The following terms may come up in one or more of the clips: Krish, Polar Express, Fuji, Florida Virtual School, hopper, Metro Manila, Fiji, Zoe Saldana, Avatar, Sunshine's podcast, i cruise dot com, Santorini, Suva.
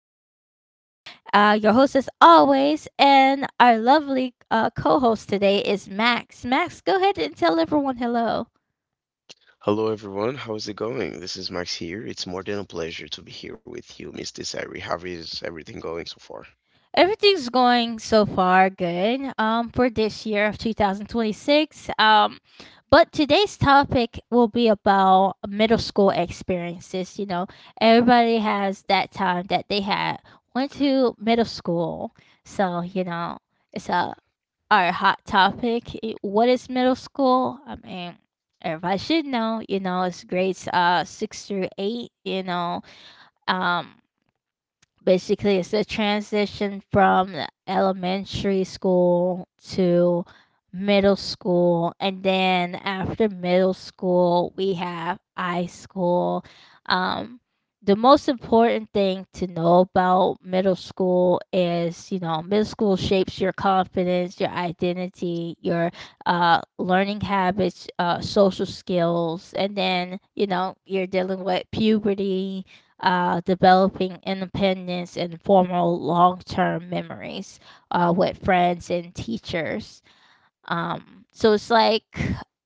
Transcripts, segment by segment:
Desiree, your host as always, and our lovely co host today is Max. Max, go ahead and tell everyone hello. Hello, everyone. How's it going? This is Max here. It's more than a pleasure to be here with you, Miss Desiree. How is everything going so far? Everything's going so far good for this year of 2026. But today's topic will be about middle school experiences. You know, everybody has that time that they had went to middle school. So, you know, it's a our hot topic. What is middle school? I mean, everybody should know. You know, it's grades 6 through 8. You know, um, basically it's a transition from the elementary school to middle school, and then after middle school we have high school. um the most important thing to know about middle school is, you know, middle school shapes your confidence, your identity, your learning habits, social skills, and then, you know, you're dealing with puberty, developing independence and formal long term memories with friends and teachers. So it's like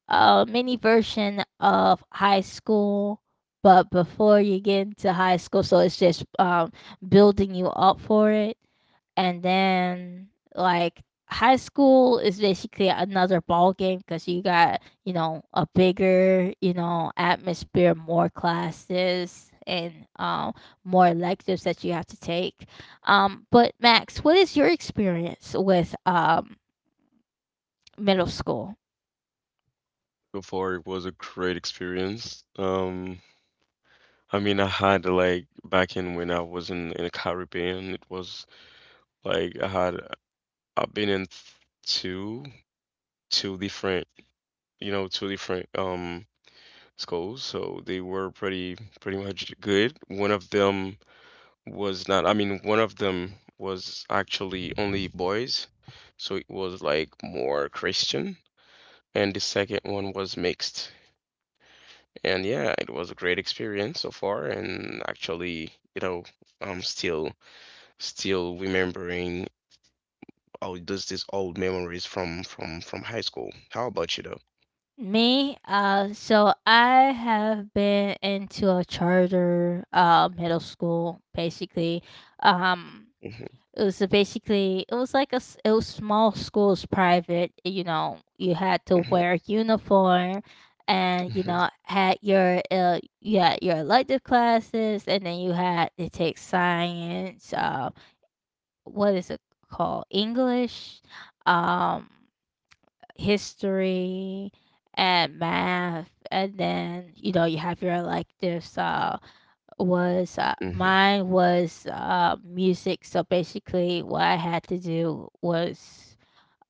a mini version of high school, but before you get into high school, so it's just building you up for it. And then, like, high school is basically another ball game because you got, you know, a bigger, you know, atmosphere, more classes, and more electives that you have to take. But Max, what is your experience with middle school? So far, it was a great experience. I mean, I had like back in when I was in the Caribbean, it was like I've been in two two different, you know, two different schools, so they were pretty much good. One of them. Was not, I mean, one of them was actually only boys, so it was like more Christian, and the second one was mixed. And yeah, it was a great experience so far, and actually, you know, I'm still remembering all those these old memories from high school. How about you though? Me, so I have been into a charter, middle school basically. Um, Hmm. it was a basically it was like a it was small schools private. You know, you had to wear uniform, and, you Hmm. know, had your you had your elective classes, and then you had to take science. What is it called? English. Um history and math, and then, you know, you have your electives. So was Hmm. mine was music. So basically what I had to do was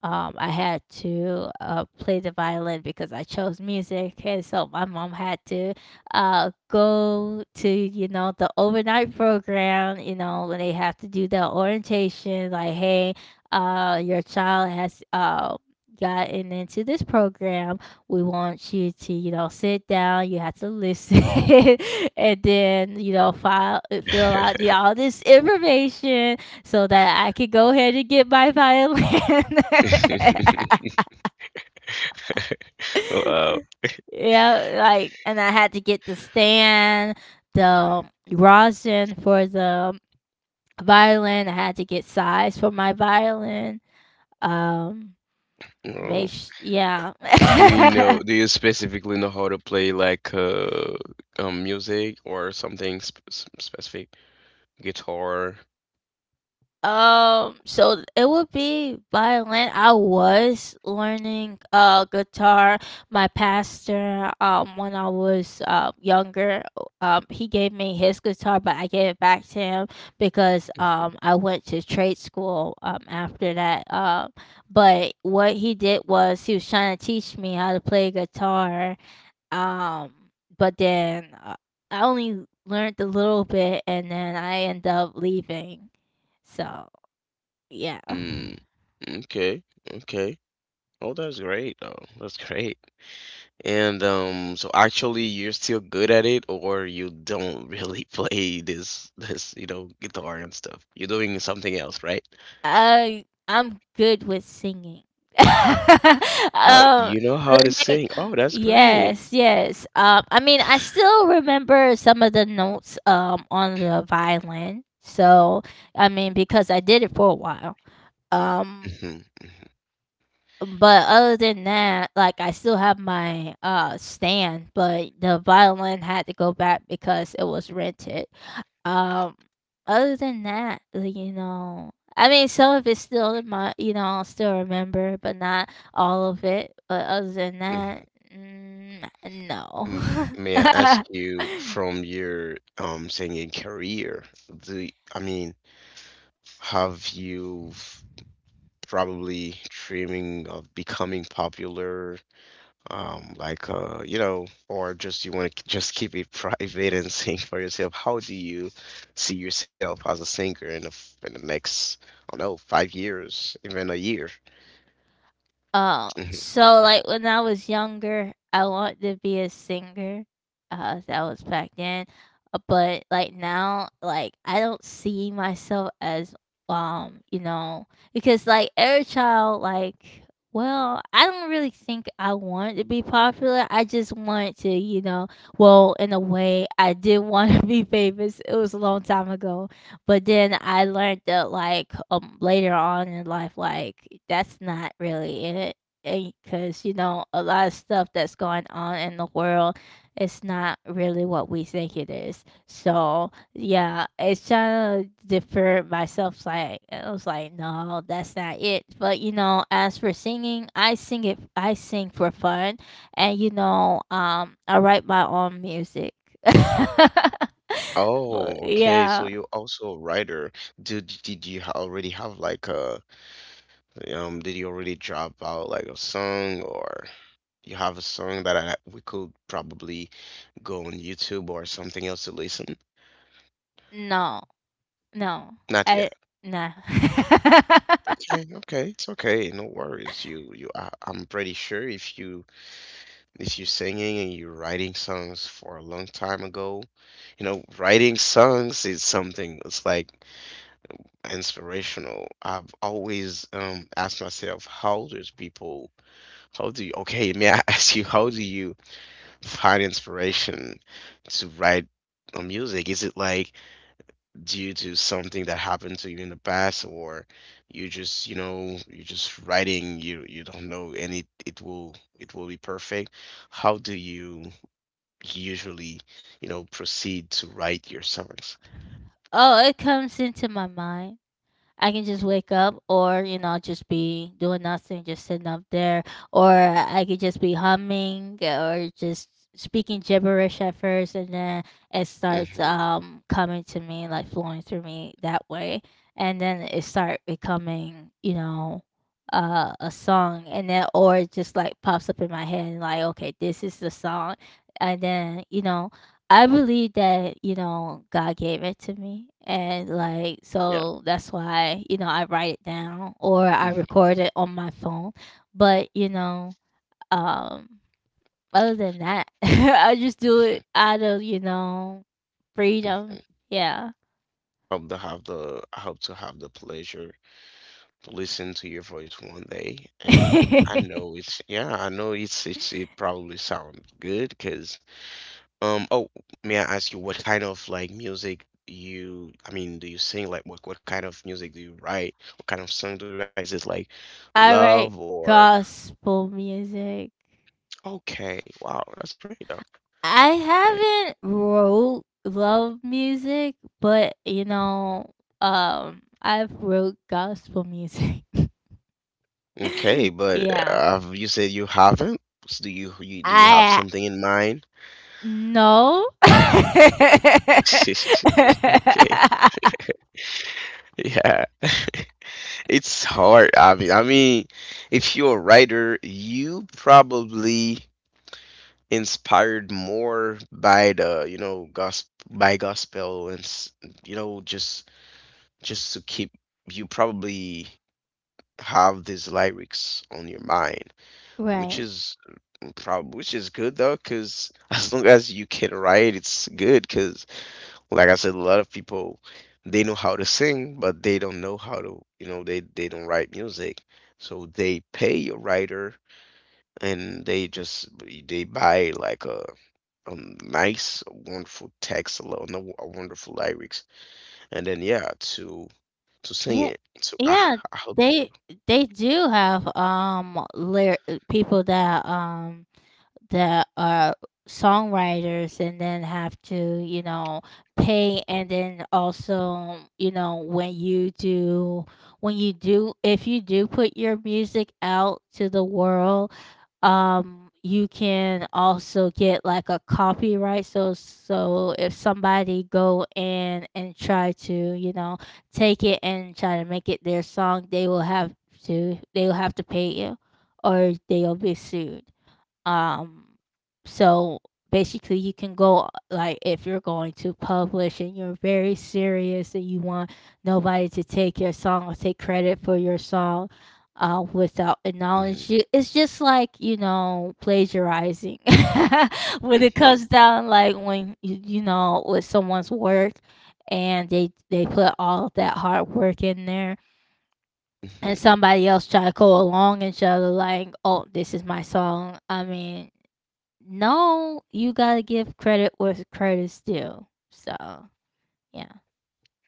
I had to, play the violin because I chose music, and so my mom had to, go to, you know, the overnight program, you know, when they have to do the orientation, like, "Hey, your child has, gotten into this program. We want you to, you know, sit down, you have to listen," and then, you know, file fill out, yeah, all this information, so that I could go ahead and get my violin. Hmm. Wow. Yeah, like, and I had to get the stand, the rosin for the violin. I had to get size for my violin. Um, Oh, yeah. do you know, do you specifically know how to play like music or something specific? Guitar? So it would be violin. I was learning guitar. My pastor, when I was younger, he gave me his guitar, but I gave it back to him because Mm-hmm. I went to trade school after that. But what he did was he was trying to teach me how to play guitar. Um, but then I only learned a little bit, and then I end up leaving. So. Yeah. Mm, okay, okay. Oh, that's great. Oh, that's great. And so actually you're still good at it, or you don't really play this, you know, guitar and stuff. You're doing something else, right? I'm good with singing. Oh, um you know how to like sing. Oh, that's great. yes, yes. I mean, I still remember some of the notes on the violin. So I mean because I did it for a while. Um Hmm. but other than that, like, I still have my stand, but the violin had to go back because it was rented. Um, other than that, like, you know, I mean, some of it's still in my, you know, I'll still remember, but not all of it. But other than that, mm, no. M- May I ask you, from your singing career, do I mean, have you probably dreaming of becoming popular, like or just you want to just keep it private and sing for yourself? How do you see yourself as a singer in the in the next, I don't know, 5 years, even a year? Oh, Mhm. so, like, when I was younger, I wanted to be a singer, that was back then, but, like, now, like, I don't see myself as, you know, because, like, every child, like, well, I don't really think I wanted to be popular, I just wanted to, you know, well, in a way, I did wanna be famous, it was a long time ago. But then I learned that, like, later on in life, like, that's not really it, because, you know, a lot of stuff that's going on in the world is not really what we think it is. So, yeah, it's trying to defer myself, like, I was like, "No, that's not it." But, you know, as for singing, I sing for fun, and, you know, I write my own music. Oh, But okay. So yeah. you're also a writer. Did already have like a, did you already drop out like a song, or you have a song that we could probably go on YouTube or something else to listen? No. No, Not yet. I nah. Okay, okay, it's okay. No worries. I'm pretty sure if you if you're singing and you're writing songs for a long time ago, you know, writing songs is something that's like inspirational. I've always asked myself, how does people, how do you, okay, may I ask you, how do you find inspiration to write music? Is it like due to something that happened to you in the past, or you just, you're just writing, you don't know, and it will be perfect? How do you usually, proceed to write your songs? Oh, it comes into my mind. I can just wake up or, you know, just be doing nothing, just sitting up there. Or I could just be humming or just speaking gibberish at first, and then it starts Hmm. Coming to me, like flowing through me that way. And then it start becoming, you know, a song, and then or it just like pops up in my head like, okay, this is the song, and then, you know, I believe that, you know, God gave it to me. And like, Yeah. so that's why, you know, I write it down or I record it on my phone. But, you know, um, other than that, I just do it Mhm, out of, you know, mhm, freedom. mhm. Yeah. I hope to have the pleasure listen to your voice one day, and I I know it's yeah, I know it probably sounds good because um oh may I ask you what kind of like music you, I mean, do you sing, like what kind of music do you write? What kind of song do you write? Is it like love write or gospel music. okay, wow, that's great though. I Okay. haven't wrote love music, but you know, I've wrote gospel music. Okay, but Yeah. You said you haven't? So you, do you have I something in mind? no. Okay. Yeah. It's hard. I mean, if you're a writer, you probably inspired more by the, you know, gospel by gospel and you know, just to keep you probably have these lyrics on your mind, which Right. is probably which is good though, because as long as you can write, it's good, 'cause like I said, a lot of people, they know how to sing, but they don't know how to, you know, they don't write music. So they pay a writer, and they just they buy like a nice, wonderful text, a lot, no- a wonderful lyrics, and then yeah, to sing Yeah. it. So I Yeah, I hope they you. they do have lyric people that that are songwriters and then have to, you know, pay, and then also, you know, when you do, if you do put your music out to the world, you can also get like a copyright. So, so if somebody go in and try to, you know, take it and try to make it their song, they will have to they will have to pay you, or they'll be sued. Um, so basically, you can go, like, if you're going to publish and you're very serious and you want nobody to take your song or take credit for your song without acknowledging Hmm. you, it's just like, you know, plagiarizing when it comes Hmm. down, like, when you know, with someone's work and they put all that hard work in there, and Hmm. somebody else try to go along and try to like, oh, this is my song. I mean, no, you gotta give credit where credit's due. So yeah.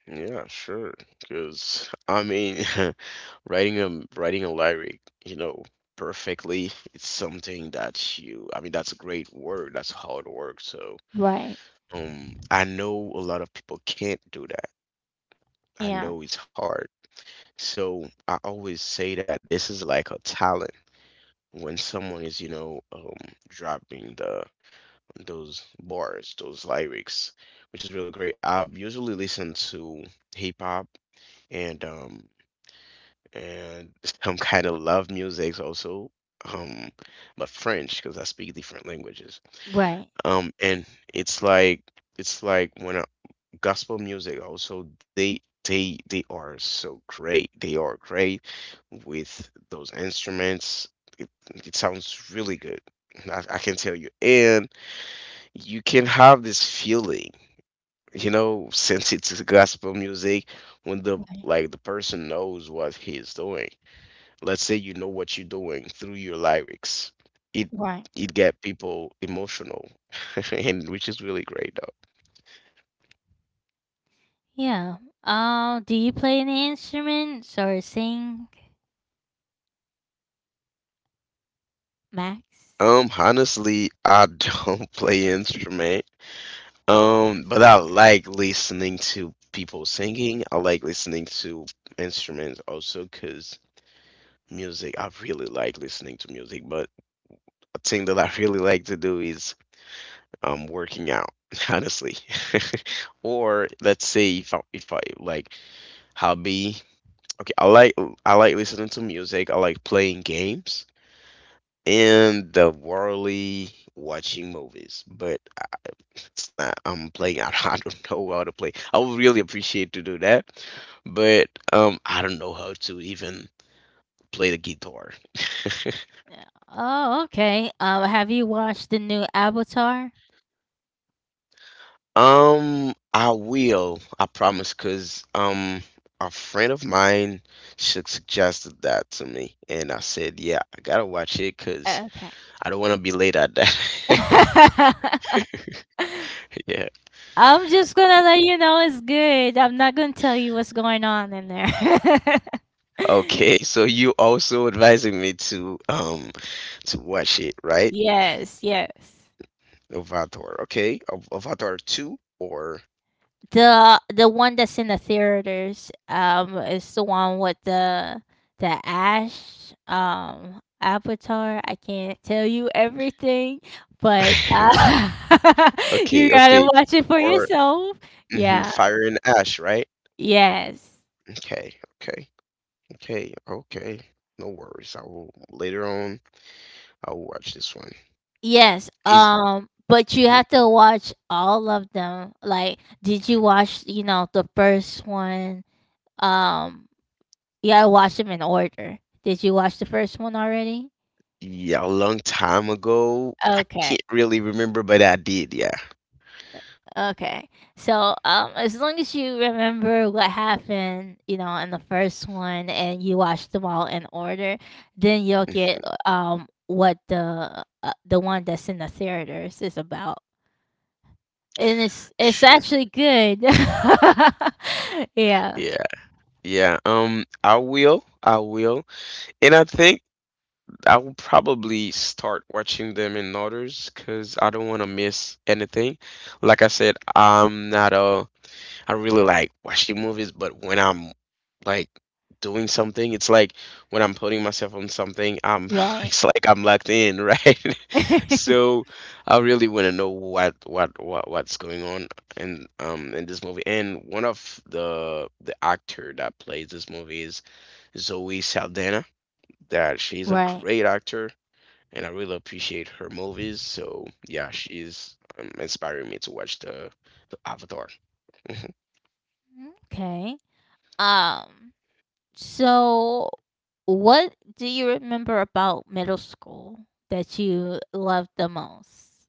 Yeah, sure. Because I mean, writing a lyric, you know, perfectly, it's something that you. I mean, that's a great work. That's hard work. So, Right. I know a lot of people can't do that. I know Yeah. it's hard. So I always say that this is like a talent. When someone is, you know, dropping the those bars, those lyrics, which is really great. I've usually listened to hip hop and and some kind of love music also, um but French, because I speak different languages, Right. And it's like when gospel music also, they are so great they are great with those instruments. It, sounds really good. I can tell you, and you can have this feeling, since it's gospel music, when the Right. like the person knows what he's doing, let's say you know what you're doing through your lyrics. it Right. it get people emotional, and which is really great Yeah. Do you play any instruments or sing, Max? though. Honestly, I don't play instrument, but I like listening to people singing. I like listening to instruments also, because music, I really like listening to music. But a thing that I really like to do is working out, honestly. Or let's say if I like hobby. Okay, I like listening to music. I like playing games and the worldly watching movies. But it's not. I'm playing. I don't, I don't know how to play. I would really appreciate to do that, but I don't know how to even play the guitar. Yeah. Oh, okay. Have you watched the new Avatar? I will. I promise, cause a friend of mine suggested that to me, and I said, "Yeah, I gotta watch it, cause Okay. I don't want to be late at that." Yeah. I'm just gonna Yeah. let you know it's good. I'm not gonna tell you what's going on in there. Okay. So you also advising me to watch it, right? Yes, yes. Avatar. Okay. Avatar two or The one that's in the theaters, is the one with the Ash, avatar. I can't tell you everything, but, you okay, gotta okay. watch it for Or yourself. mhm, Yeah. Fire and Ash, right? Yes. Okay. Okay. Okay, okay. No worries. I will watch this one. Yes, Is but you Mhm. have to watch all of them. Like, did you watch, you know, the first one? Um, you gotta watch them in order. Did you watch the first one already? Yeah, a long time ago. I Okay. can't really remember, but I did, yeah. Okay. So, as long as you remember what happened, you know, in the first one and you watch them all in order, then you'll get Mhm. What the one that's in the theaters is about. And it's Sure. actually good. Yeah. Yeah, yeah. I will. And I think I will probably start watching them in orders, because I don't want to miss anything. Like I said, I'm not a I don't really like watching movies, but when I'm like doing something, it's like when I'm putting myself on something, I'm Right. it's like I'm locked in, right? So I really want to know what's going on in this movie. And one of the actor that plays this movie is Zoe Saldana. That she's a Right. great actor, and I really appreciate her movies. So yeah, she's inspiring me to watch the Avatar. Okay. Um, so what do you remember about middle school that you loved the most?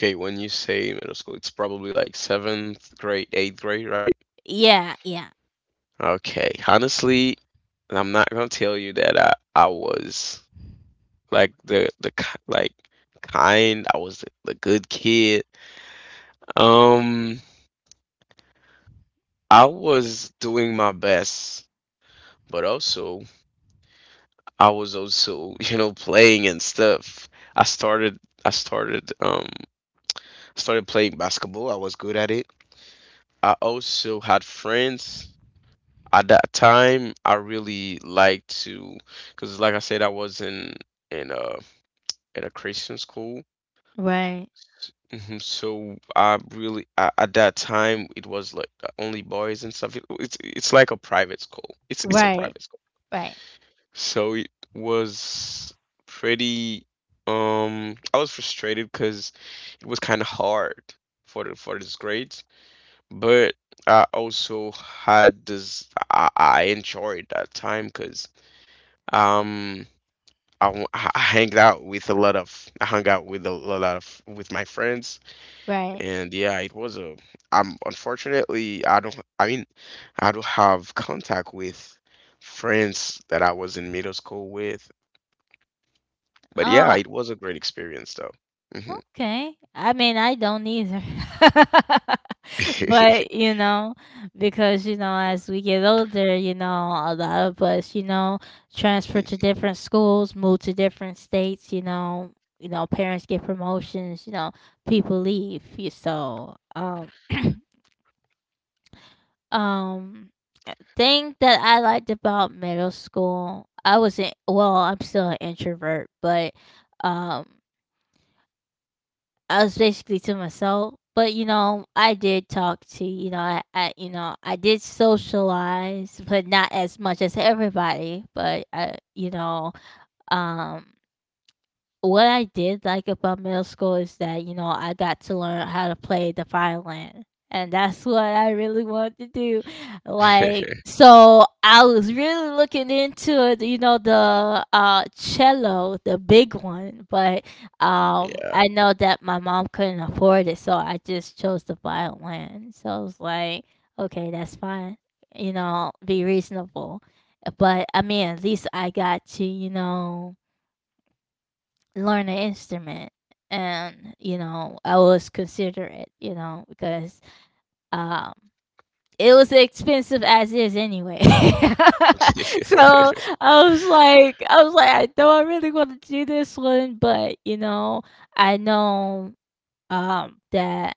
Okay, when you say middle school, it's probably like seventh grade, eighth grade, right? Yeah, yeah. Okay. Honestly, I'm not gonna tell you that I was like kind. I was the good kid. Um, I was doing my best, but also I was also playing and stuff. I started I started started playing basketball. I was good at it. I also had friends. At that time, I really liked to, because like I said, I was in a at a Christian school. Right. Mhm. So I really at that time, it was like only boys and stuff. It's like a private school. It's a Right. private school. Right. So it was pretty I was frustrated because it was kind of hard for these grades, but I also had this, I enjoyed that time because, Um, I, w- I hanged out with a lot of, I hung out with a lot of with my friends, Right. and yeah, it was a. I'm unfortunately I mean, I don't have contact with friends that I was in middle school with, but Oh, yeah, it was a great experience though. Hmm. okay. I mean, I don't either. But, you know, because, you know, as we get older, you know, a lot of us, you know, transfer to different schools, move to different states, you know, parents get promotions, you know, people leave. You So, um, thing that I liked about middle school, I wasn't well, I'm still an introvert, but um I was basically to myself. But you know, I did talk to, you know, I, you know, I did socialize, but not as much as everybody. But I, you know, um what I did like about middle school is that, you know, I got to learn how to play the violin. And that's what I really wanted to do. Like, so I was really looking into it, you know, the cello, the big one, but Yeah. I know that my mom couldn't afford it, so I just chose the violin. So I was like, okay, that's fine. You know, be reasonable. But I mean, at least I got to, you know, learn an instrument, and, you know, I was considerate, you know, because um it was expensive as is anyway. So I was like, I know I really want to do this one, but, you know, I know that,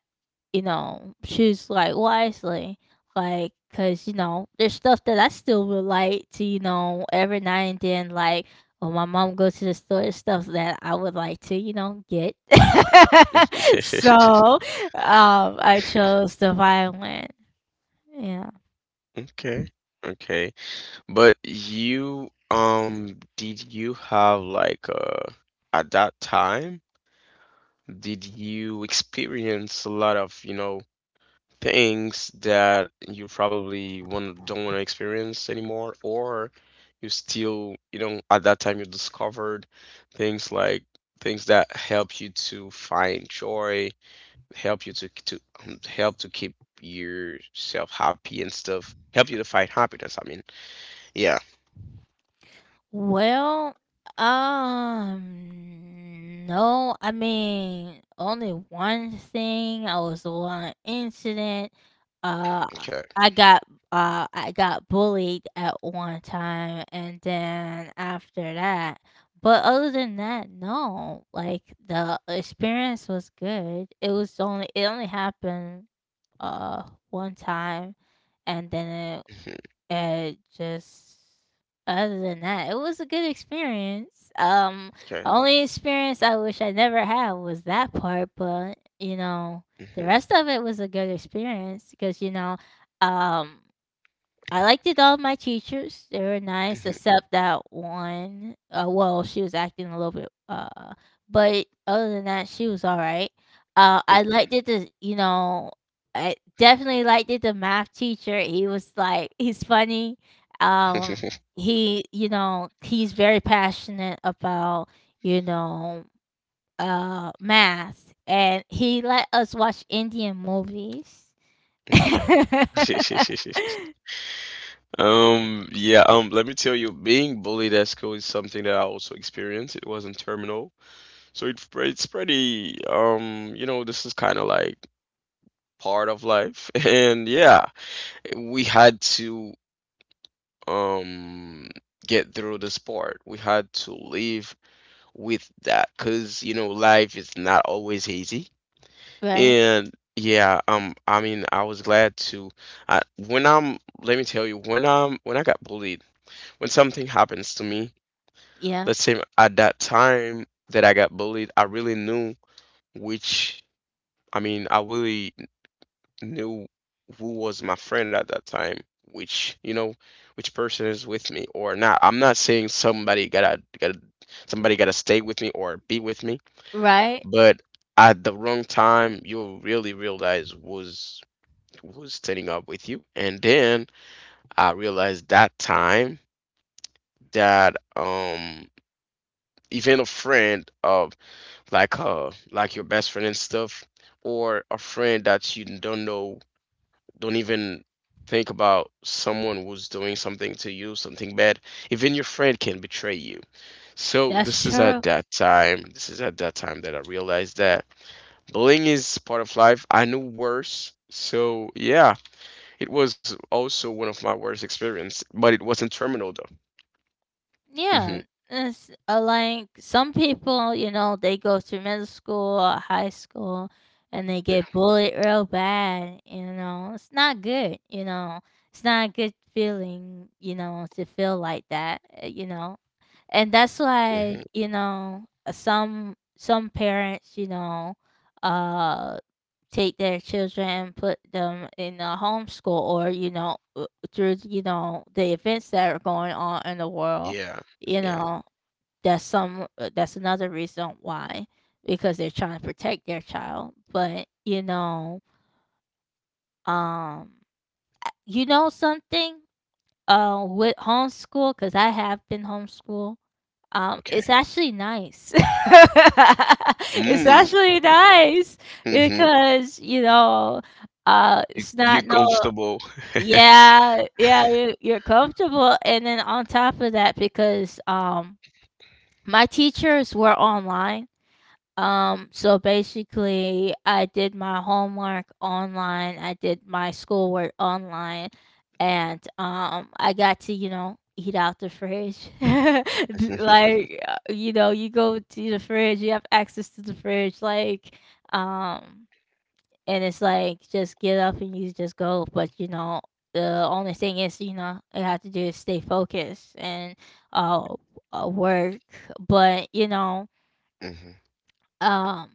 you know, choose, like, wisely. Like, cause, there's stuff that I still relate to every now and then, like when my mom goes to the store, there's stuff that I would like to get. So, I chose the violin. Yeah. Okay. Okay. But you, did you have like at that time, did you experience a lot of, you know, things that you probably want don't want to experience anymore, or you still, you know, at that time you discovered things like things that help you to find joy, help you to help to keep yourself happy and stuff, help you to find happiness, I mean. Yeah, Well, no, I mean, only one thing. I was the one incident. Uh, okay. I got I got bullied at one time, and then after that, but other than that, no. Like the experience was good. It only happened uh one time, and then Mhm. uh, just other than that, it was a good experience. Okay. Only experience I wish I never had was that part, but the Mhm, rest of it was a good experience because um, I liked it. All my teachers, they were nice, mhm. except that one. Well, she was acting a little bit. But other than that, she was all right. I liked it. The I definitely liked it. The math teacher, he was like, he's funny. Um, Mhm. he's very passionate about, you know, math, and he let us watch Indian movies. Okay. Yeah, let me tell you, being bullied at school is something that I also experienced. It was not terminal. So it's pretty, this is kind of like part of life. And yeah, we had to, um, get through this part. We had to live with that because, life is not always easy. Right? And yeah, I mean, I was glad to. I, when I'm, let me tell you, when I'm, When I got bullied, when something happens to me, Yeah. let's say at that time that I got bullied, I really knew which, I really knew who was my friend at that time, which, you know, which person is with me or not. I'm not saying somebody gotta stay with me or be with me, Right? but at the wrong time, you'll really realize was setting up with you. And then I realized that time that even a friend of like your best friend and stuff, or a friend that you don't know, don't even think about someone who's doing something to you, something bad, even your friend can betray you. So That's true. This is at that time that I realized that bullying is part of life. I knew worse. So yeah, it was also one of my worst experience, but it wasn't terminal though. Hmm Yeah. It's like some people, you know, they go through middle school or high school, and they Yeah. get bullied real bad. It's not good. It's not a good feeling, you know, to feel like that. And that's why hmm some parents, uh take their children and put them in a homeschool, or through the events that are going on in the world. Yeah. You Yeah. know, that's another reason why, because they're trying to protect their child. But um you know something, with homeschool, because I have been homeschooled, Okay. it's actually nice. It's Mm. actually nice Mm-hmm. because, you know, You it's you not, no. comfortable? Yeah, yeah, you're comfortable, and then on top of that, because, my teachers were online. So basically, I did my homework online, I did my schoolwork online, and I got to, you know, eat out the fridge. Like, you know, you go to the fridge, you have access to the fridge, like, um, and it's like just get up and you just go. But you know, the only thing is, you know, I have to do is stay focused and uh, work. But you know, hmm um.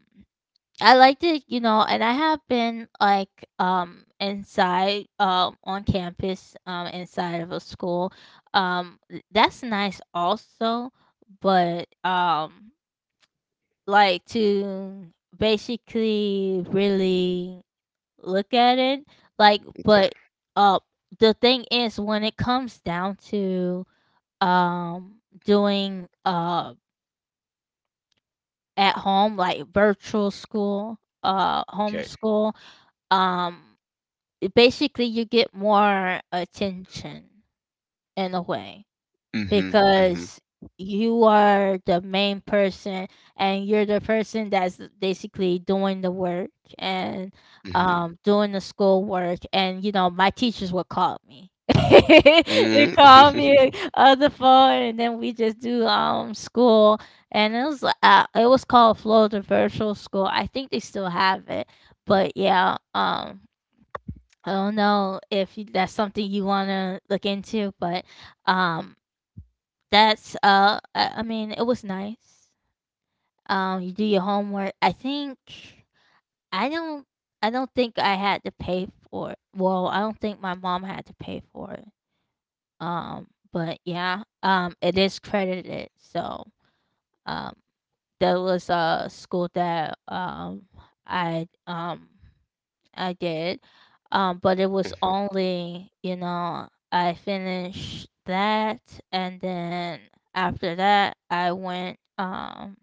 I liked it, you know, and I have been like, inside, on campus, inside of a school. That's nice also, but like to basically really look at it, like, but Okay. uh the thing is, when it comes down to, um doing, at home, like, virtual school, Okay. homeschool, um basically, you get more attention in a way, hmm hmm because you are the main person, and you're the person that's basically doing the work, and hmm doing the school work. And, you know, my teachers would call me. They mm call me on the phone, and then we just do school, and it was it was called Florida Virtual School. I think they still have it, but yeah, I don't know if you— that's something you want to look into, but, um, that's I mean, it was nice. You do your homework. I think I don't. I don't think I had to pay for it. Well, I don't think my mom had to pay for it. But yeah, it is credited. So, um, that was a school that I um I did. But it was Mhm. only, you know, I finished that, and then after that I went,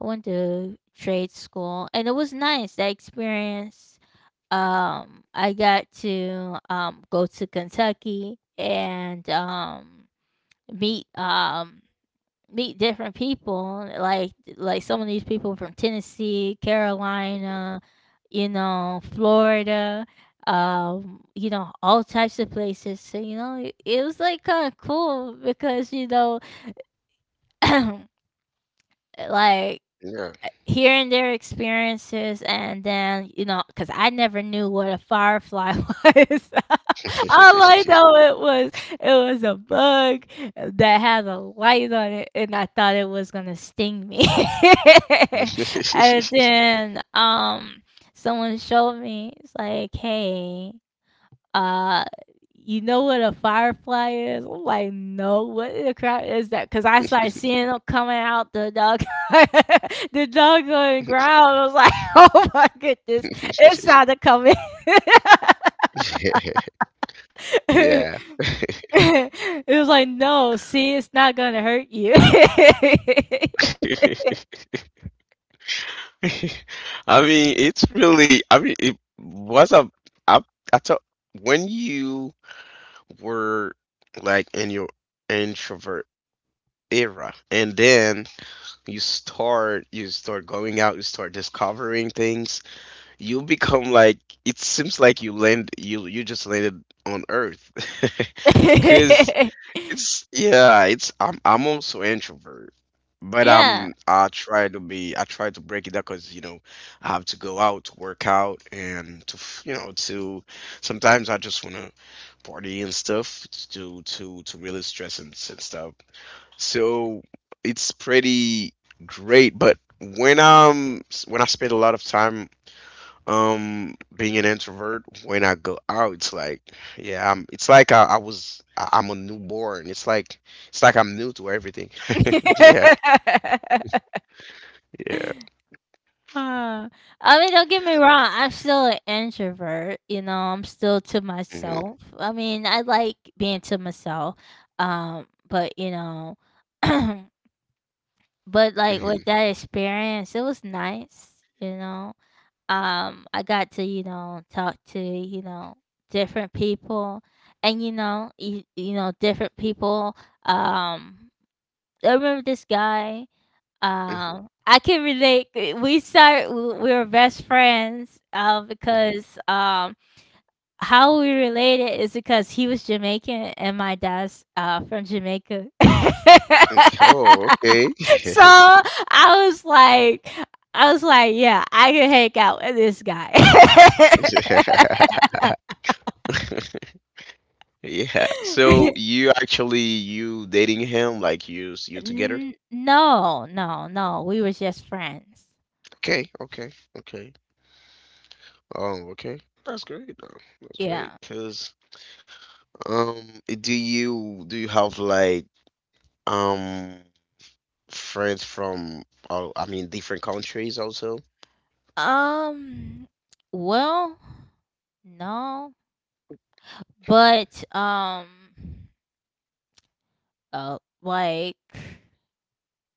I went to trade school, and it was nice, that experience. I got to go to Kentucky, and meet um meet different people, like some of these people from Tennessee, Carolina, you know, Florida, you know, all types of places. So, you know, it was like kind of cool because, you know, like Yeah. hearing their experiences, and then you know, because I never knew what a firefly was. All I know, it was, it was a bug that had a light on it, and I thought it was gonna sting me. And then someone showed me, it's like, "Hey, uh, you know what a firefly is?" I'm like, "No, what in the crap is that?" Because I started seeing them coming out the dog, the doggone ground. I was like, "Oh my goodness, it's time to come in." yeah. It was like, "No, see, it's not gonna hurt you." I mean, it's really. I mean, it was a. I I thought when you were like in your introvert era, and then you start going out, you start discovering things, you become like, it seems like you just landed on earth, because it's yeah, it's I'm also introvert, but Yeah. I try to break it down because, you know, I have to go out to work out and to you know, to sometimes I just wanna party and stuff to really stress and stuff. So it's pretty great, but when I spend a lot of time being an introvert, when I go out, it's like, yeah, I'm it's like I'm a newborn. It's like it's like I'm new to everything. yeah. Yeah. Uh, I mean, don't get me wrong, I'm still an introvert. You know, I'm still to hmm myself. I mean, I like being to myself. But you know, but like with hmm that experience, it was nice. You know, I got to, you know, talk to, you know, different people, and you know, you know different people. Um, I remember this guy. Hmm I can relate. Eh, we start, we were best friends. Because how we related is because he was Jamaican, and my dad's from Jamaica. oh, okay. So I was like, yeah, I can hang out with this guy. yeah, so you actually, you dating him, like you you together? N- no, no, no, we were just friends. Okay, okay, okay. Oh, okay, that's great though. That's Yeah. great because, um do you have like, um friends from, all, I mean, different countries also. Um. Well, no. But, like,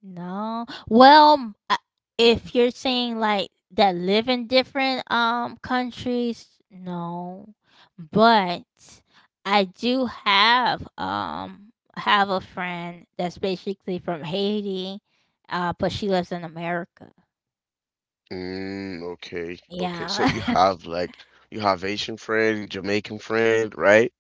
no. Well, if you're saying like that live in different countries, no. But I do have a friend that's basically from Haiti, but she lives in America. Mm, okay, okay. So you Yeah. have like, you have Asian friend, Jamaican friend, right?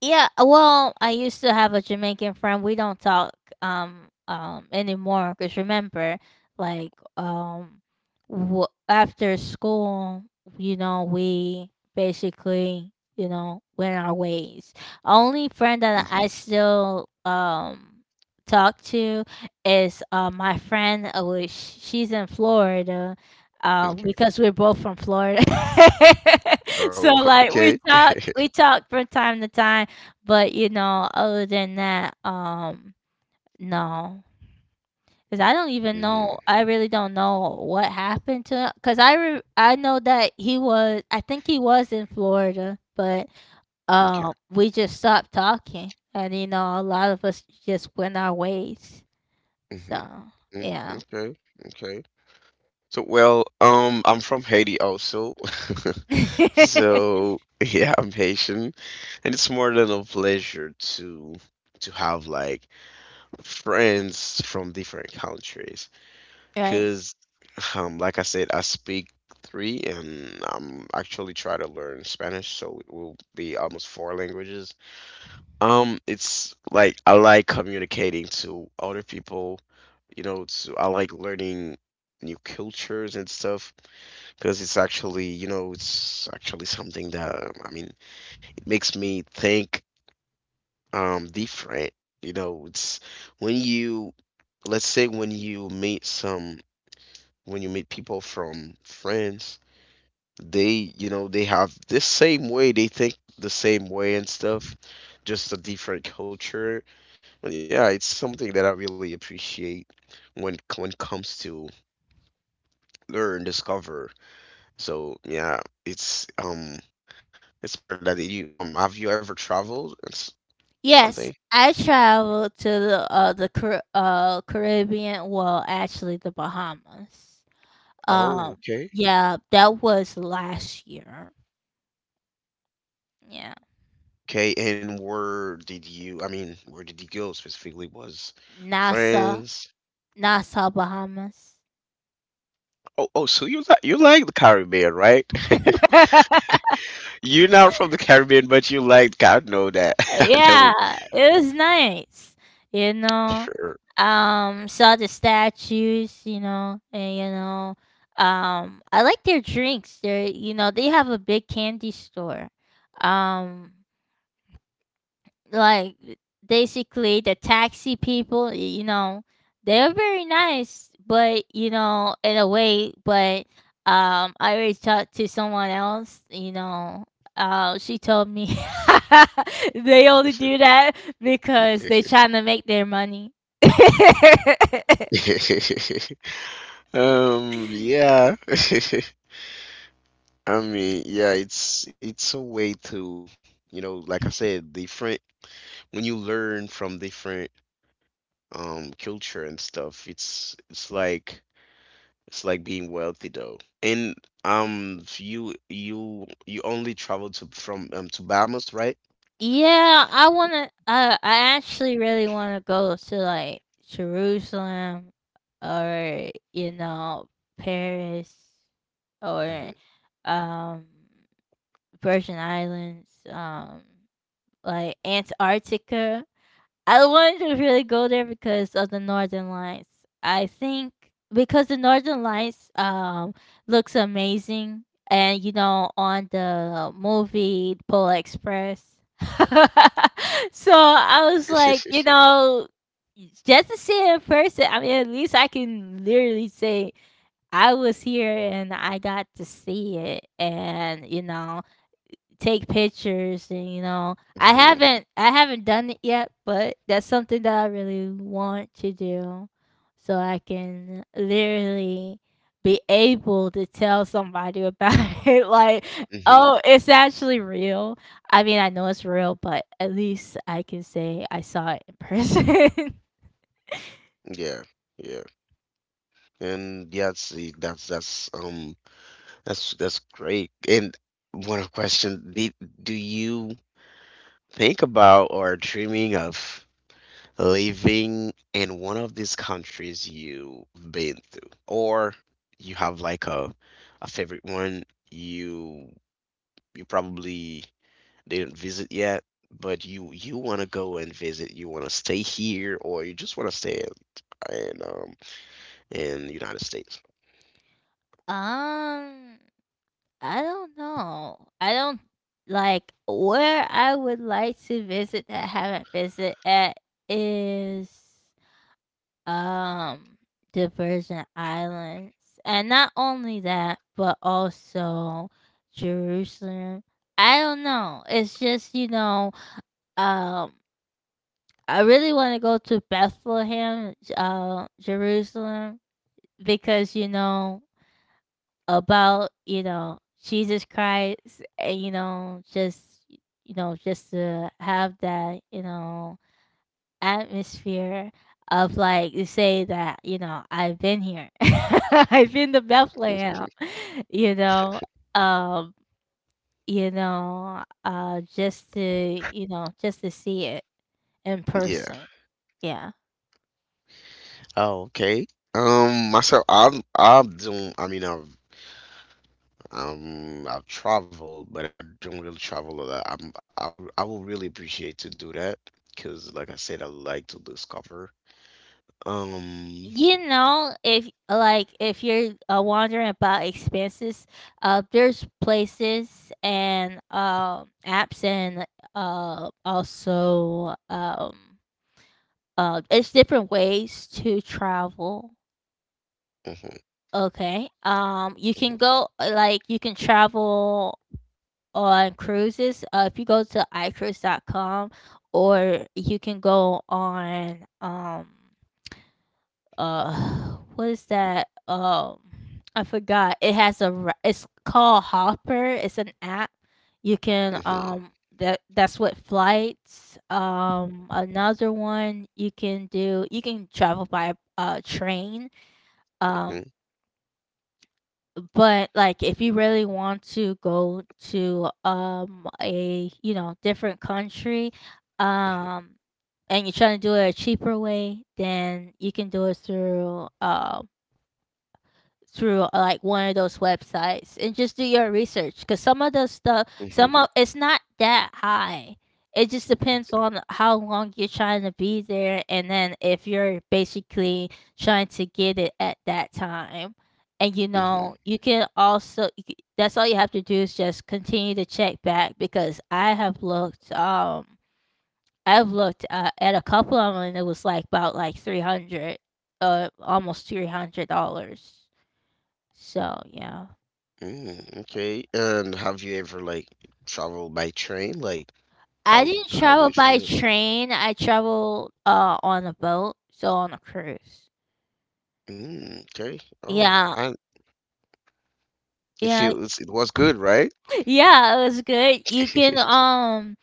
Yeah, well, I used to have a Jamaican friend. We Can you hear don't me? talk anymore, because remember, like, after school, you know, we basically, you know, went our ways. Only friend that Hmm I still talk to is my friend, which she's in Florida. Okay. Because we're both from Florida. Oh, So, like, okay. We talk from time to time. But, you know, other than that, no, cause I don't even know, Mm, I really don't know what happened to, 'cause I re I know that he was, I think he was in Florida, but, okay. We just stopped talking, and, you know, a lot of us just went our ways. hmm So, Mm, yeah. okay. Okay. So, well, I'm from Haiti also. So, yeah, I'm Haitian, and it's more than a pleasure to have like friends from different countries. Right. Because, like I said, I speak three, and I'm actually trying to learn Spanish, so it will be almost four languages. It's like I like communicating to other people, you know, to I like learning new cultures and stuff, because it's actually, you know, it's actually something that, I mean, it makes me think different. You know, it's when you, let's say when you meet people from France, they, you know, they have this same way, they think the same way and stuff, just a different culture, but yeah, it's something that I really appreciate when it comes to learn, discover. So yeah, it's more that you have you ever traveled and s- Yes, something I traveled to the, Caribbean. Well, actually, the Bahamas. oh, Um, okay, yeah, that was last year. Yeah. okay. And where did you, I mean, where did you go specifically? Was Nassau, France? Nassau, Bahamas. Oh, oh, so you like, you like the Caribbean, right? You're not from the Caribbean, but you like. God. Know that. I know. Yeah, it was nice. You know, Sure. Saw the statues. You know, and you know, I like their drinks. They're, you know, they have a big candy store. Um, like, basically the taxi people, you know, they're very nice, but you know, in a way. But I already talked to someone else, you know. She told me they only do that because they trying to make their money. um. Yeah. I mean, yeah. It's a way to, you know, like I said, different. When you learn from different culture and stuff, it's it's like being wealthy though. And you you only travel to from to Bahamas, right? Yeah, I wanna, I actually really wanna go to, like, Jerusalem, or, you know, Paris, Mhm. or, um, Virgin Islands, like, Antarctica. I wanted to really go there because of the Northern Lights. I think, because the Northern Lights looks amazing, and you know, on the movie Polar Express. So I was like, you know, just to see it in person, I mean, at least I can literally say I was here and I got to see it, and you know, take pictures. And you know, i Mhm. haven't i haven't done it yet, but that's something that I really want to do, so I can literally be able to tell somebody about it. Like, Mhm. oh, it's actually real. I mean, I know it's real, but at least I can say I saw it in person. Yeah, yeah, and yeah, see, that's that's great. And one question: do you think about or dreaming of living in one of these countries you've been through, or you have like a favorite one you you probably didn't visit yet, but you want to go and visit, you want to stay here, or you just want to stay in, in um in United States? um I don't know. I don't— like, where I would like to visit that I haven't visited at is um the Virgin Islands. And not only that, but also Jerusalem. I don't know, it's just, you know, um I really want to go to Bethlehem, Jerusalem, because you know about, you know, Jesus Christ, and, you know, just, you know, just to have that, you know, atmosphere of, like, to say that, you know, I've been here. I've been to Bethlehem, you know. Um, you know, just to, you know, just to see it in Yeah. person. Yeah. Oh, okay. Myself, I'm doing. I mean, I've traveled, but I don't really travel a lot. I will really appreciate to do that because, like I said, I like to discover. Um, You know, if like if you're wondering about expenses, there's places and apps and also it's different ways to travel. mhm, Okay. You mhm, can go like you can travel on cruises, if you go to I icruise.com, or you can go on what is that? I forgot. It has a it's called Hopper. It's an app. You can mhm, that's what flights. Another one you can do, you can travel by train. um but like if you really want to go to a, you know, different country, um and you're trying to do it a cheaper way, then you can do it through like one of those websites and just do your research, because some of the stuff, some mhm, of it's not that high. It just depends on how long you're trying to be there, and then if you're basically trying to get it at that time. And you know, mhm, you can also that's all you have to do is just continue to check back, because I have looked. I've looked at a couple of them and it was like about like 300, almost $300. So yeah, mhm, okay. And have you ever like traveled by train? Like, I didn't how do travel it by feel? train. I traveled on a boat, so on a cruise. Mm, okay. Oh, Yeah, I, it yeah, feels, it was good, right? yeah, it was good. You can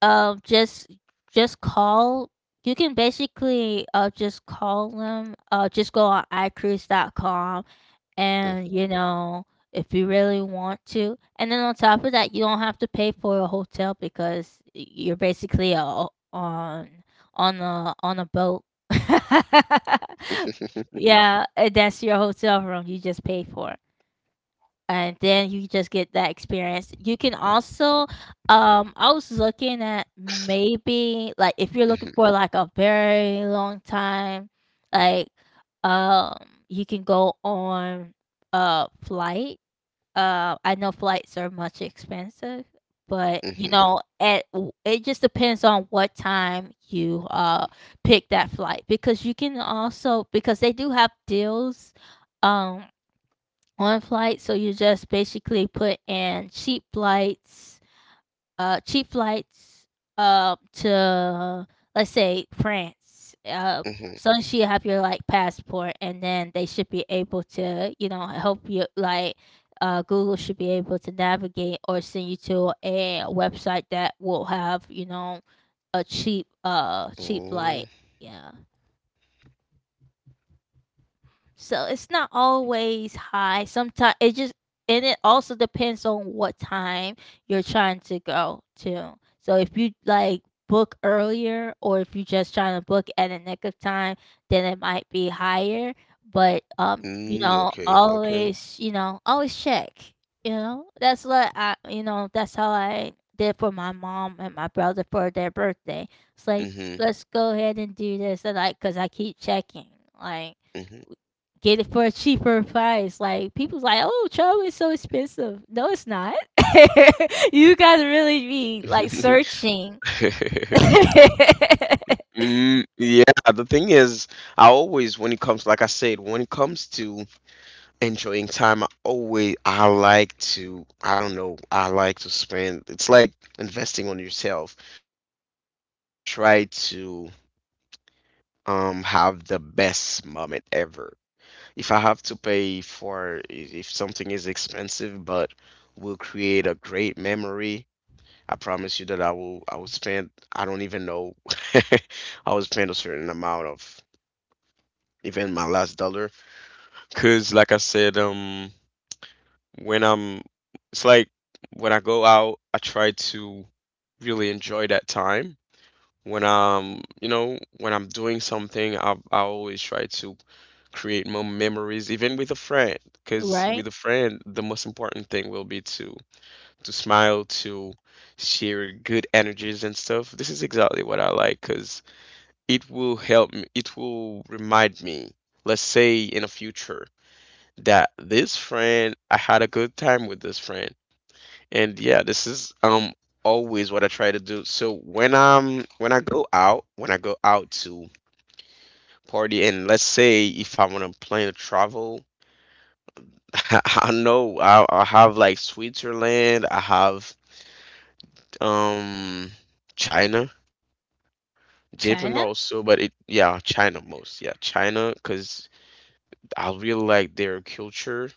uh just just call. You can basically just call them. Just go on I icruise.com, and Mm, you know, if you really want to. And then on top of that, you don't have to pay for a hotel, because you're basically a, on on a boat yeah, and that's your hotel room. You just pay for and then you just get that experience. You can also, I was looking at maybe like if you're looking mhm, for like a very long time, like um, you can go on a flight. I know flights are much expensive, but you mhm. know, at it just depends on what time you pick that flight, because you can also, because they do have deals um on flights. So you just basically put in cheap flights, uh, cheap flights to, let's say, France. Mhm. So you have your like passport, and then they should be able to, you know, help you. Like, Google should be able to navigate or send you to a website that will have, you know, a cheap, cheap flight. Oh, Yeah. So okay. it's not always high. Sometimes it just and it also depends on what time you're trying to go to. So if you like book earlier, or if you're just trying to book at a nick of time, then it might be higher. But you Mm, know, okay, okay. Always check. You know, that's what I that's how I did for my mom and my brother for their birthday. It's like Mm-hmm. let's go ahead and do this. And like because I keep checking like Mm-hmm. get it for a cheaper price. Like people's like, oh, travel is so expensive. No, it's not. You guys really be like searching, mm, yeah, the thing is, I always, when it comes, like I said, when it comes to enjoying time, I always I like to, I don't know, I like to spend, it's like investing on yourself. So I always try to have the best moment ever. If I have to pay for if something is expensive but will create a great memory, I promise you that I will spend, I don't even know, I will spend a certain amount of, even my last dollar, because like I said, when I'm, it's like when I go out, I try to really enjoy that time. When I'm, you know, when I'm doing something, I always try to create more memories, even with a friend, because with right? a friend, the most important thing will be to smile, to share good energies and stuff. This is exactly what I like, because it will help me, it will remind me, let's say in the future, that this friend, I had a good time with this friend. And yeah, this is always what I try to do. So when I go out to party, and let's say if I want to plan to travel, I know I have like Switzerland, I have um China, Japan China. also, but it yeah China most yeah China because I really like their culture.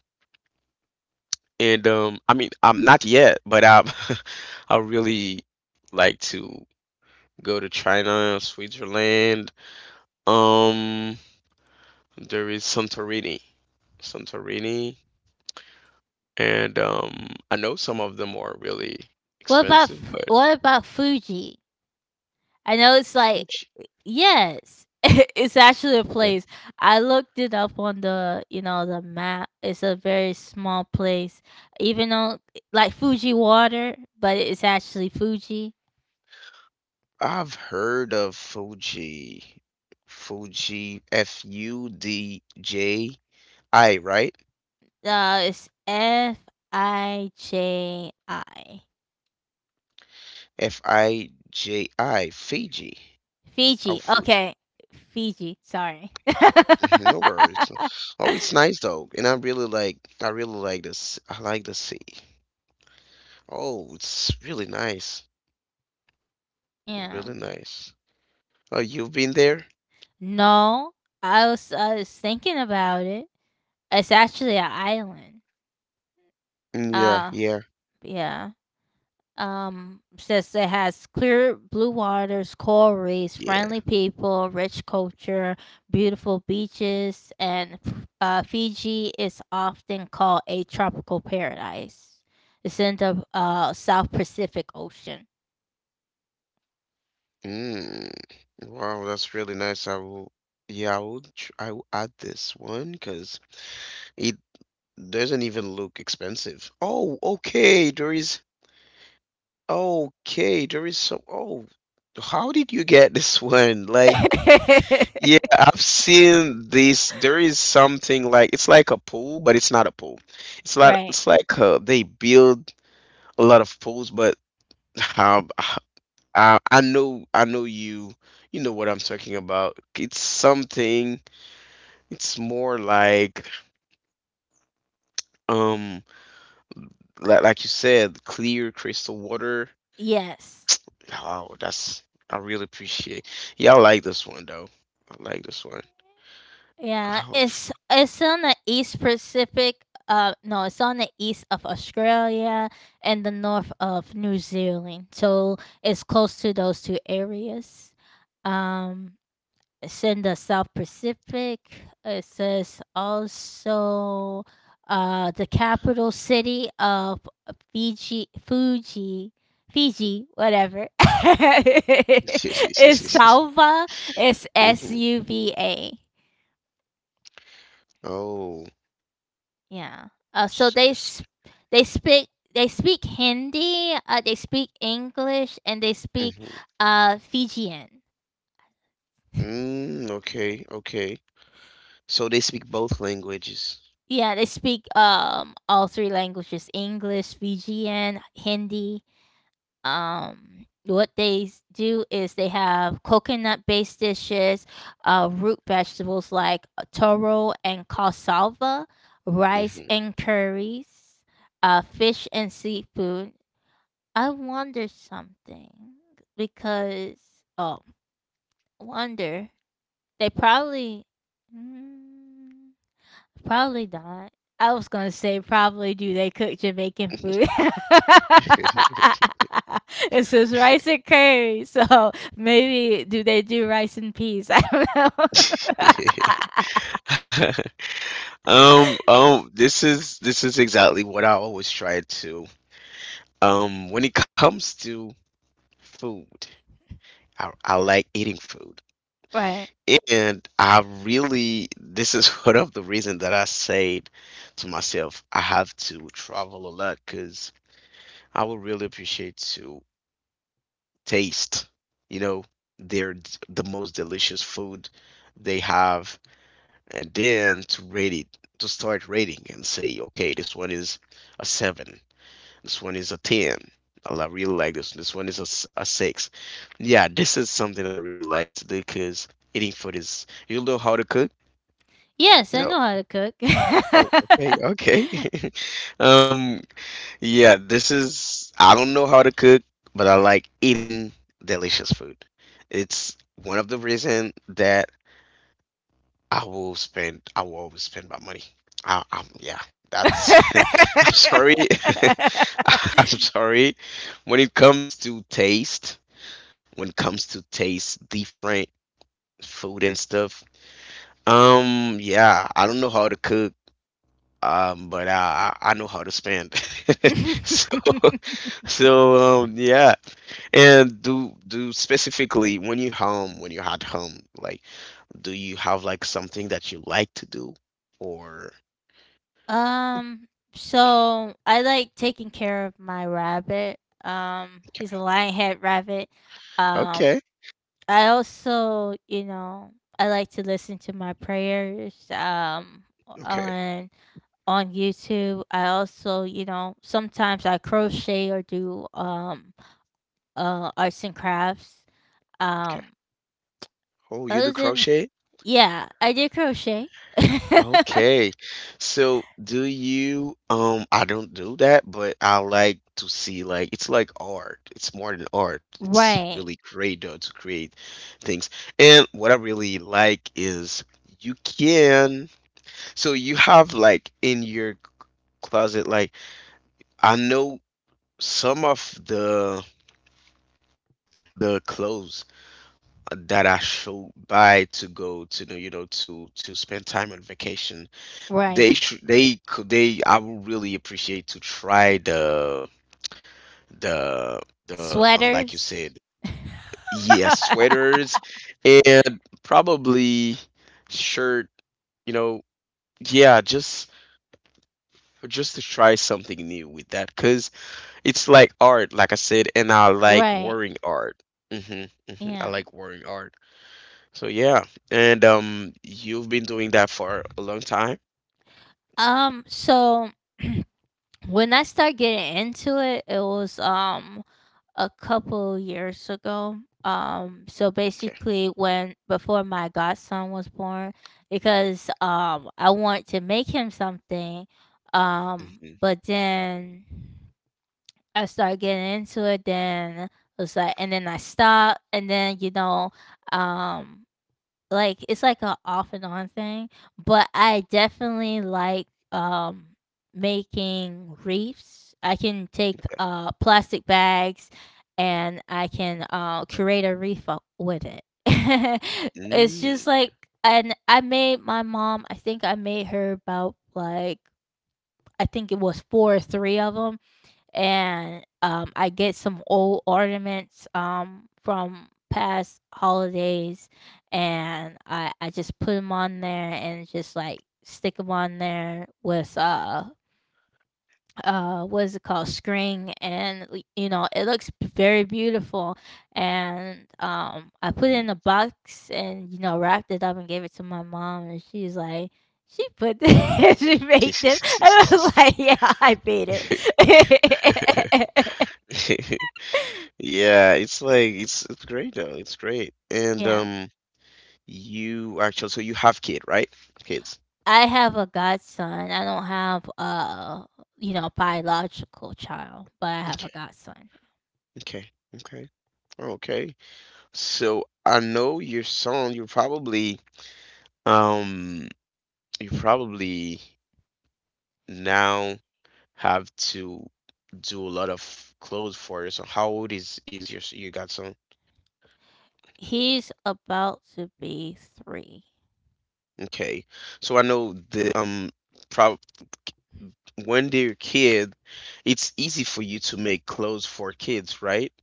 And I mean, I'm not yet, but I I really like to go to China, Switzerland, um, there is Santorini, and I know some of them are really What about expensive, but what about Fuji? I know it's like Fuji. yes, it's actually a Like, place. I looked it up on the, you know, the map. It's a very small place, even though like Fuji water, but it's actually Fuji. I've heard of Fuji, F U D J I, right? It's Fiji. Fiji, Fiji. Oh, Fiji. Fuji. Okay. Fiji. Sorry. Mhm, no worries. Oh, it's nice though, and I really like. I really like this. I like the sea. Oh, it's really nice. yeah. Really nice. Oh, you've been there? No, I was thinking about it. It's actually an island. Mm, yeah, Uh, yeah, yeah. Says it has clear blue waters, coral reefs, yeah. friendly people, rich culture, beautiful beaches, and Fiji is often called a tropical paradise. It's in the South Pacific Ocean. Mm. Wow, that's really nice. Yeah, I would, I will add this one because it doesn't even look expensive. Oh, okay, okay, there is so, oh, how did you get this one? Like, yeah, I've seen this. There is something like, it's like a pool, but it's not a pool. Right. It's like they build a lot of pools, but um, I know you. You know what I'm talking about. It's something. It's more um, like you said, clear crystal water. Yes. Oh, that's, I really appreciate. Yeah, I like this one though. I like this one. Yeah, Oh. it's on the east Pacific. No, it's on the east of Australia and the north of New Zealand, so it's close to those two areas. Um, it's in the South Pacific. It says also, the capital city of Fiji, Fuji, Fiji, whatever. It's Salva. It's S hmm U V A. Oh. Yeah. Uh, so they sp- they speak Hindi, they speak English, and they speak Mm-hmm. Fijian. Mm, okay, okay. So they speak both languages. Yeah, they speak all three languages: English, Fijian, Hindi. Do is they have coconut-based dishes, root vegetables like toro and cassava, rice and curries, fish and seafood. I wonder something because, oh, wonder, they probably mm, probably not. I was gonna say probably do they cook Jamaican food? It says rice and curry, so maybe do they do rice and peas? I don't know. Hmm this is exactly what I always try to. When it comes to food, I like eating food. Right? And I really, this is one of the reasons that I said to myself, I have to travel a lot because I would really appreciate to taste, you know, the most delicious food they have, and then to rate it, to start rating and say, okay, this one is a seven, this one is a 10. Really like this. This one is a 6. Yeah, this is something that I really like to do because eating food is, you know how to cook? Yes, I No. know how to cook. Oh, okay, okay. Um, yeah, this is, I don't know how to cook, but I like eating delicious food. It's one of the reason that I will always spend my money. Yeah, that's. I'm sorry. I'm sorry. When it comes to taste, when it comes to taste different food and stuff, yeah, I don't know how to cook, but I know how to spend. So so yeah. And do specifically when you're at home, like, do you have like something that you like to do, or? Um, so I like taking care of my rabbit. He's a lionhead rabbit. Um, Okay. Okay. I also, you know, I like to listen to my prayers. Okay. on on YouTube. I also, you know, sometimes I crochet or do arts and crafts. Um, Oh, you do Other than crochet? yeah, I did crochet. Okay. So do you um, I don't do that, but I like to see, like, it's like art. It's more than art. It's Right, really great though to create things. And what I really like is you can so you have like in your closet like I know some of the clothes that I should buy to go to you know to spend time on vacation. right. They should they could they I would really appreciate to try the the like you Sweaters. said yeah sweaters and probably shirt you know yeah just to try something new with that because it's like art like I said and I like Right. wearing art. hmm I Yeah. like wearing art. So yeah, and you've been doing that for a long time. So when I started getting into it, it was a couple years ago. So Okay. basically when before my godson was born, because I wanted to make him something, Mhm. but then I started getting into it, then it was like and then I stopped, and then, you know, um, like, it's like a off and on thing, but I definitely like, um, making wreaths. I can take, plastic bags, and I can, create a wreath o with it. It's Mm, just like and I made my mom, I think I made her about, like, I think it was 4 or 3 of them. And I get some old ornaments, from past holidays, and I just put them on there and just like stick them on there with what is it called, string, and you know, it looks very beautiful. And I put it mhm. in a box and, you know, wrapped it up and gave it to my mom. And she's like she put this she made this. And I was like, yeah, I made it. Yeah, it's like it's great though. It's great. And Yeah. You actually so you have kid, right? Kids. I have a godson. I don't have a, you know, biological child, but I have a Okay. godson. Okay. Okay. Okay. So I know your son, um, you're probably now. Have to do a lot of clothes for you. So how old is your you got some? He's about to be 3. Okay. So I know the prob when they're a kid, it's easy for you to make clothes for kids, right?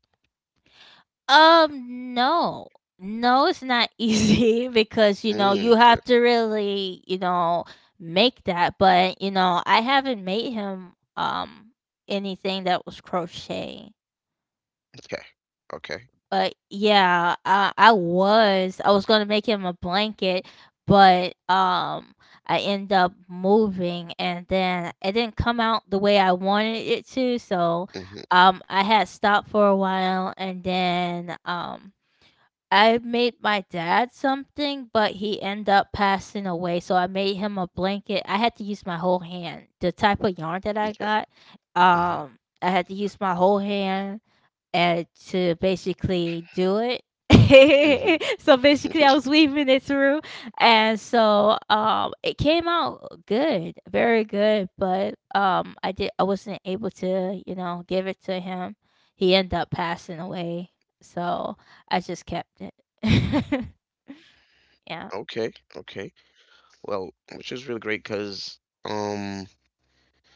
No. No, it's not easy because, you know, Mm, you okay. have to really, you know, make that, but you know, I haven't made him anything that was crochet. Okay. Okay. But yeah, I was gonna make him a blanket, but I end up moving and then it didn't come out the way I wanted it to, so Mm-hmm. I had stopped for a while. And then I made my dad something, but he ended up passing away. So I made him a blanket. I had to use my whole hand. The type of yarn that I got, Okay. I had to use my whole hand to basically do it. Mm-hmm. So basically, I Mm-hmm. was weaving it through, and so it came out good, very Mm-hmm. good. But I did, I wasn't able to, you know, give it to him. He ended up passing away, so I just kept it. Okay. Yeah, Okay. Well, which is really great because um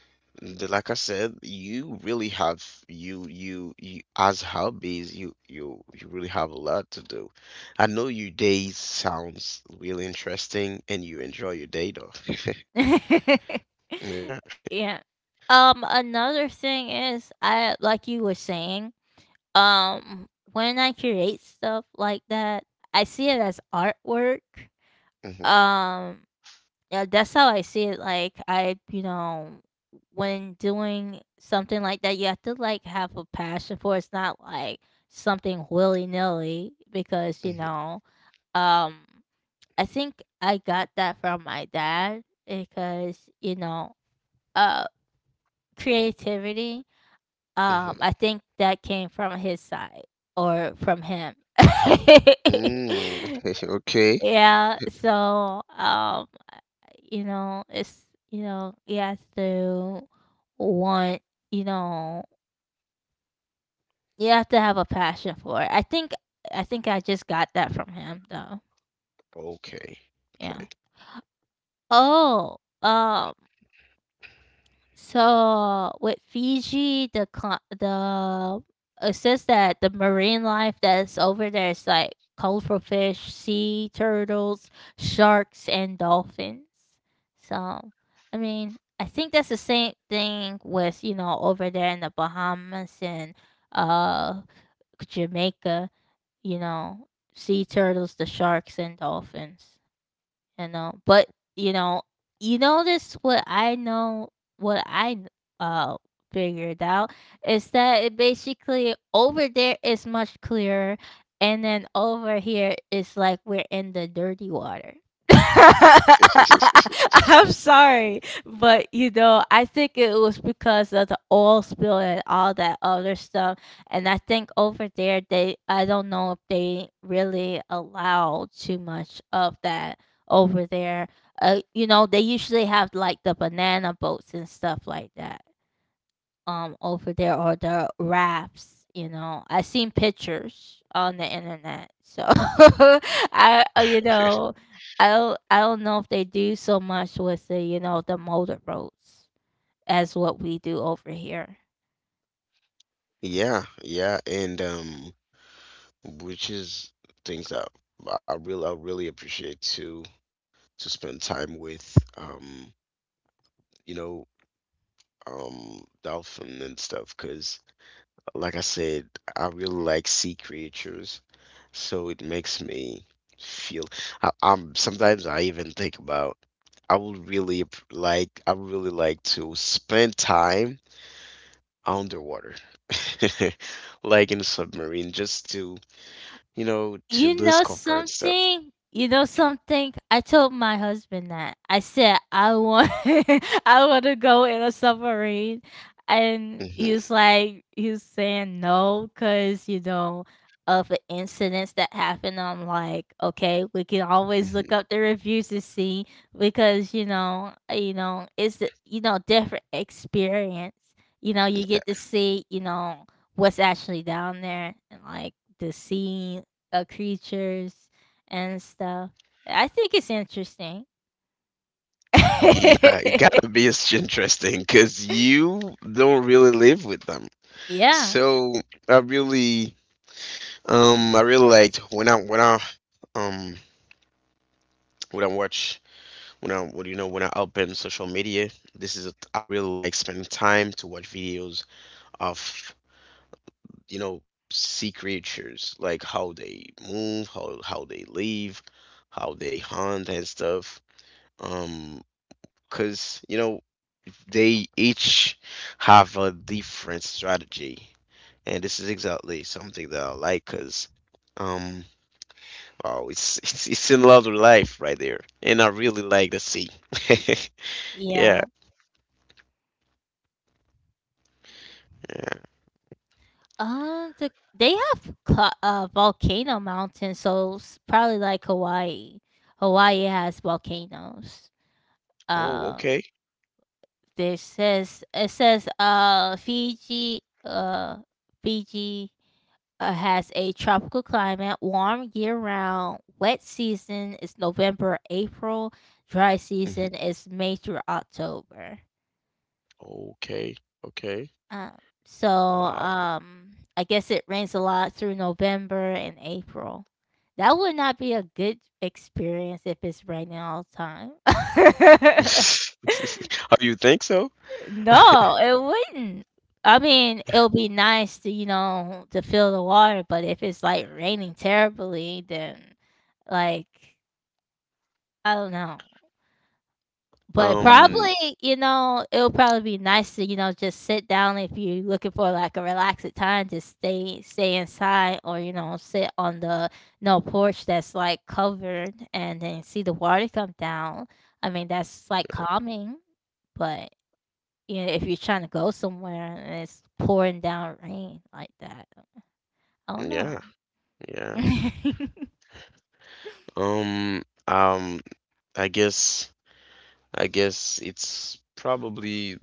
Like I said, you really have you as hobbies you really have a lot to do. I know your days sounds really interesting and you enjoy your day though. Yeah. yeah. Another thing is, I like you were saying, when I create stuff like that, I see it as artwork. hmm Um, yeah, that's how I see it. Like I, you know, when doing something like that, you have to like have a passion for it. It's not like something willy nilly, because you hmm know, um, I think I got that from my dad, because you know, uh, creativity. Hmm I think that came from his side or from him. Mm. Okay. Yeah, so, you know, it's you know, you have to want, you know, you have to have a passion for it. I think I just got that from him, though. Okay. Okay. Yeah. Oh, um so with Fiji, the cli- the it says that the marine life that's over there is like colorful fish, sea turtles, sharks, and dolphins. So, I mean, I think that's the same thing with, you know, over there in the Bahamas and uh Jamaica. You know, sea turtles, the sharks, and dolphins, you know. But you know, you notice what I know, what I uh figured out is that it basically over there is much clearer, and then over here is like we're in the dirty water. I'm sorry, but you know, I think it was because of the oil spill and all that other stuff. And I think over there, they, I don't know if they really allow too much of that over there. You know, they usually have like the banana boats and stuff like that over there, or the wraps, you know, I seen pictures on the internet. So I you know, I don't know if they do so much with the, you know, the motor boats as what we do over here. Yeah, yeah, and which is things that I really appreciate to spend time with. You know, dolphin and stuff because like I said, I really like sea creatures, so it makes me feel I'm sometimes I even think about I would really like I would really like to spend time underwater like in a submarine just to you know to You know discover and stuff. something? You know something? I told my husband that. I said I want I want to go in a submarine, and he's hmm like he's saying no, cuz you know, of the incidents that happened. I'm like, okay, we can always look hmm up the reviews to see, because you know, you know, you know, different experience. You know, you Okay. get to see, you know, what's actually down there and like the sea creatures and stuff. I think it's interesting. Yeah, it gotta be as interesting because you don't really live with them. Yeah, So I really, I really liked when I when I um when I watch when I what do you know when I open social media. I really like spending time to watch videos of you know sea creatures like how they move, how they live, how they hunt and stuff. Um, cause you know they each have a different strategy, and this is exactly something that I like, cause. um. Wow, it's another life right there, and I really like the sea. Yeah, yeah. yeah. They have volcano mountains, so probably like Hawaii. Hawaii has volcanoes. Oh, Um, okay. there says it says Fiji has a tropical climate, warm year round. Wet season is November, April. Dry Mhm. season is May through October. Okay, okay. Um, Wow. I guess it rains a lot through November and April. That would not be a good experience if it's raining all the time. Oh, you think so? No, it wouldn't. I mean, it'll be nice to, you know, to feel the water, but if it's like raining terribly, then like I don't know. But Um, probably, you know, it'll probably be nice to, you know, just sit down if you're looking for like a relaxed time, just stay inside or, you know, sit on the no porch that's like covered and then see the water come down. I mean, that's like calming, but you know, if you're trying to go somewhere and it's pouring down rain like that. I don't know. yeah, yeah. Um, um, I guess, I guess it's probably,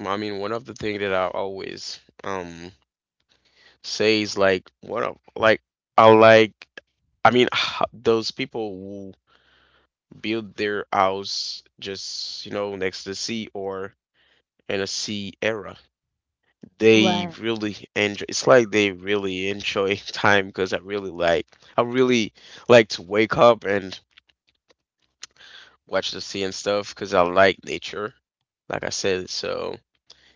I mean, one of the things that I always say is like, I like, I mean, those people build their house just, you know, next to the sea or in a sea era. They Right, really enjoy it's like they really enjoy time because I really like to wake up and watch the sea and stuff because I like nature, like I said. So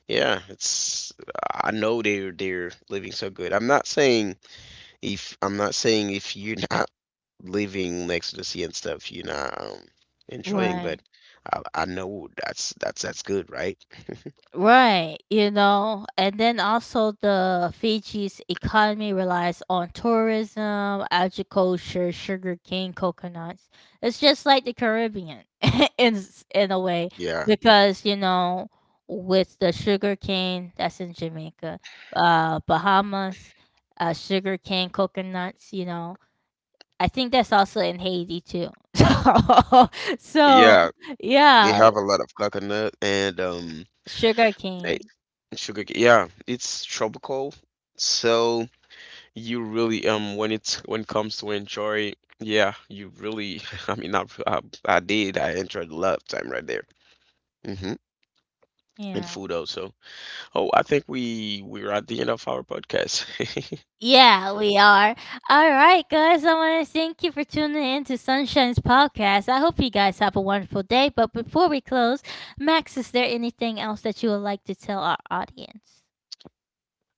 yeah, it's I know they're living so good. I'm not saying if you're not living next to the sea and stuff, you're not enjoying. right, But I know that's that's good, right? right. You know, and then also the Fiji's economy relies on tourism, agriculture, sugarcane, coconuts. It's just like the Caribbean in a way, Yeah, because you know, with the sugarcane that's in Jamaica, Bahamas, sugarcane, coconuts. You know, I think that's also in Haiti too. So so, yeah. They yeah, have a lot of coconut and sugar cane. eh, Yeah, it's tropical, so. You really when it comes to enjoy, yeah, you really I mean I enjoyed a lot of time right there. Hmm. And Yeah. food also. Oh, I think we're at the end of our podcast. Yeah, we are. Alright, guys, I wanna thank you for tuning in to Sunshine's podcast. I hope you guys have a wonderful day, but before we close, Max, is there anything else that you would like to tell our audience?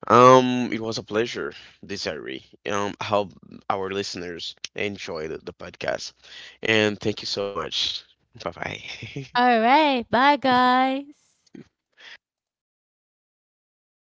It was a pleasure, Desiree. I hope our listeners enjoyed the podcast. And thank you so much. Bye-bye. Alright, bye guys.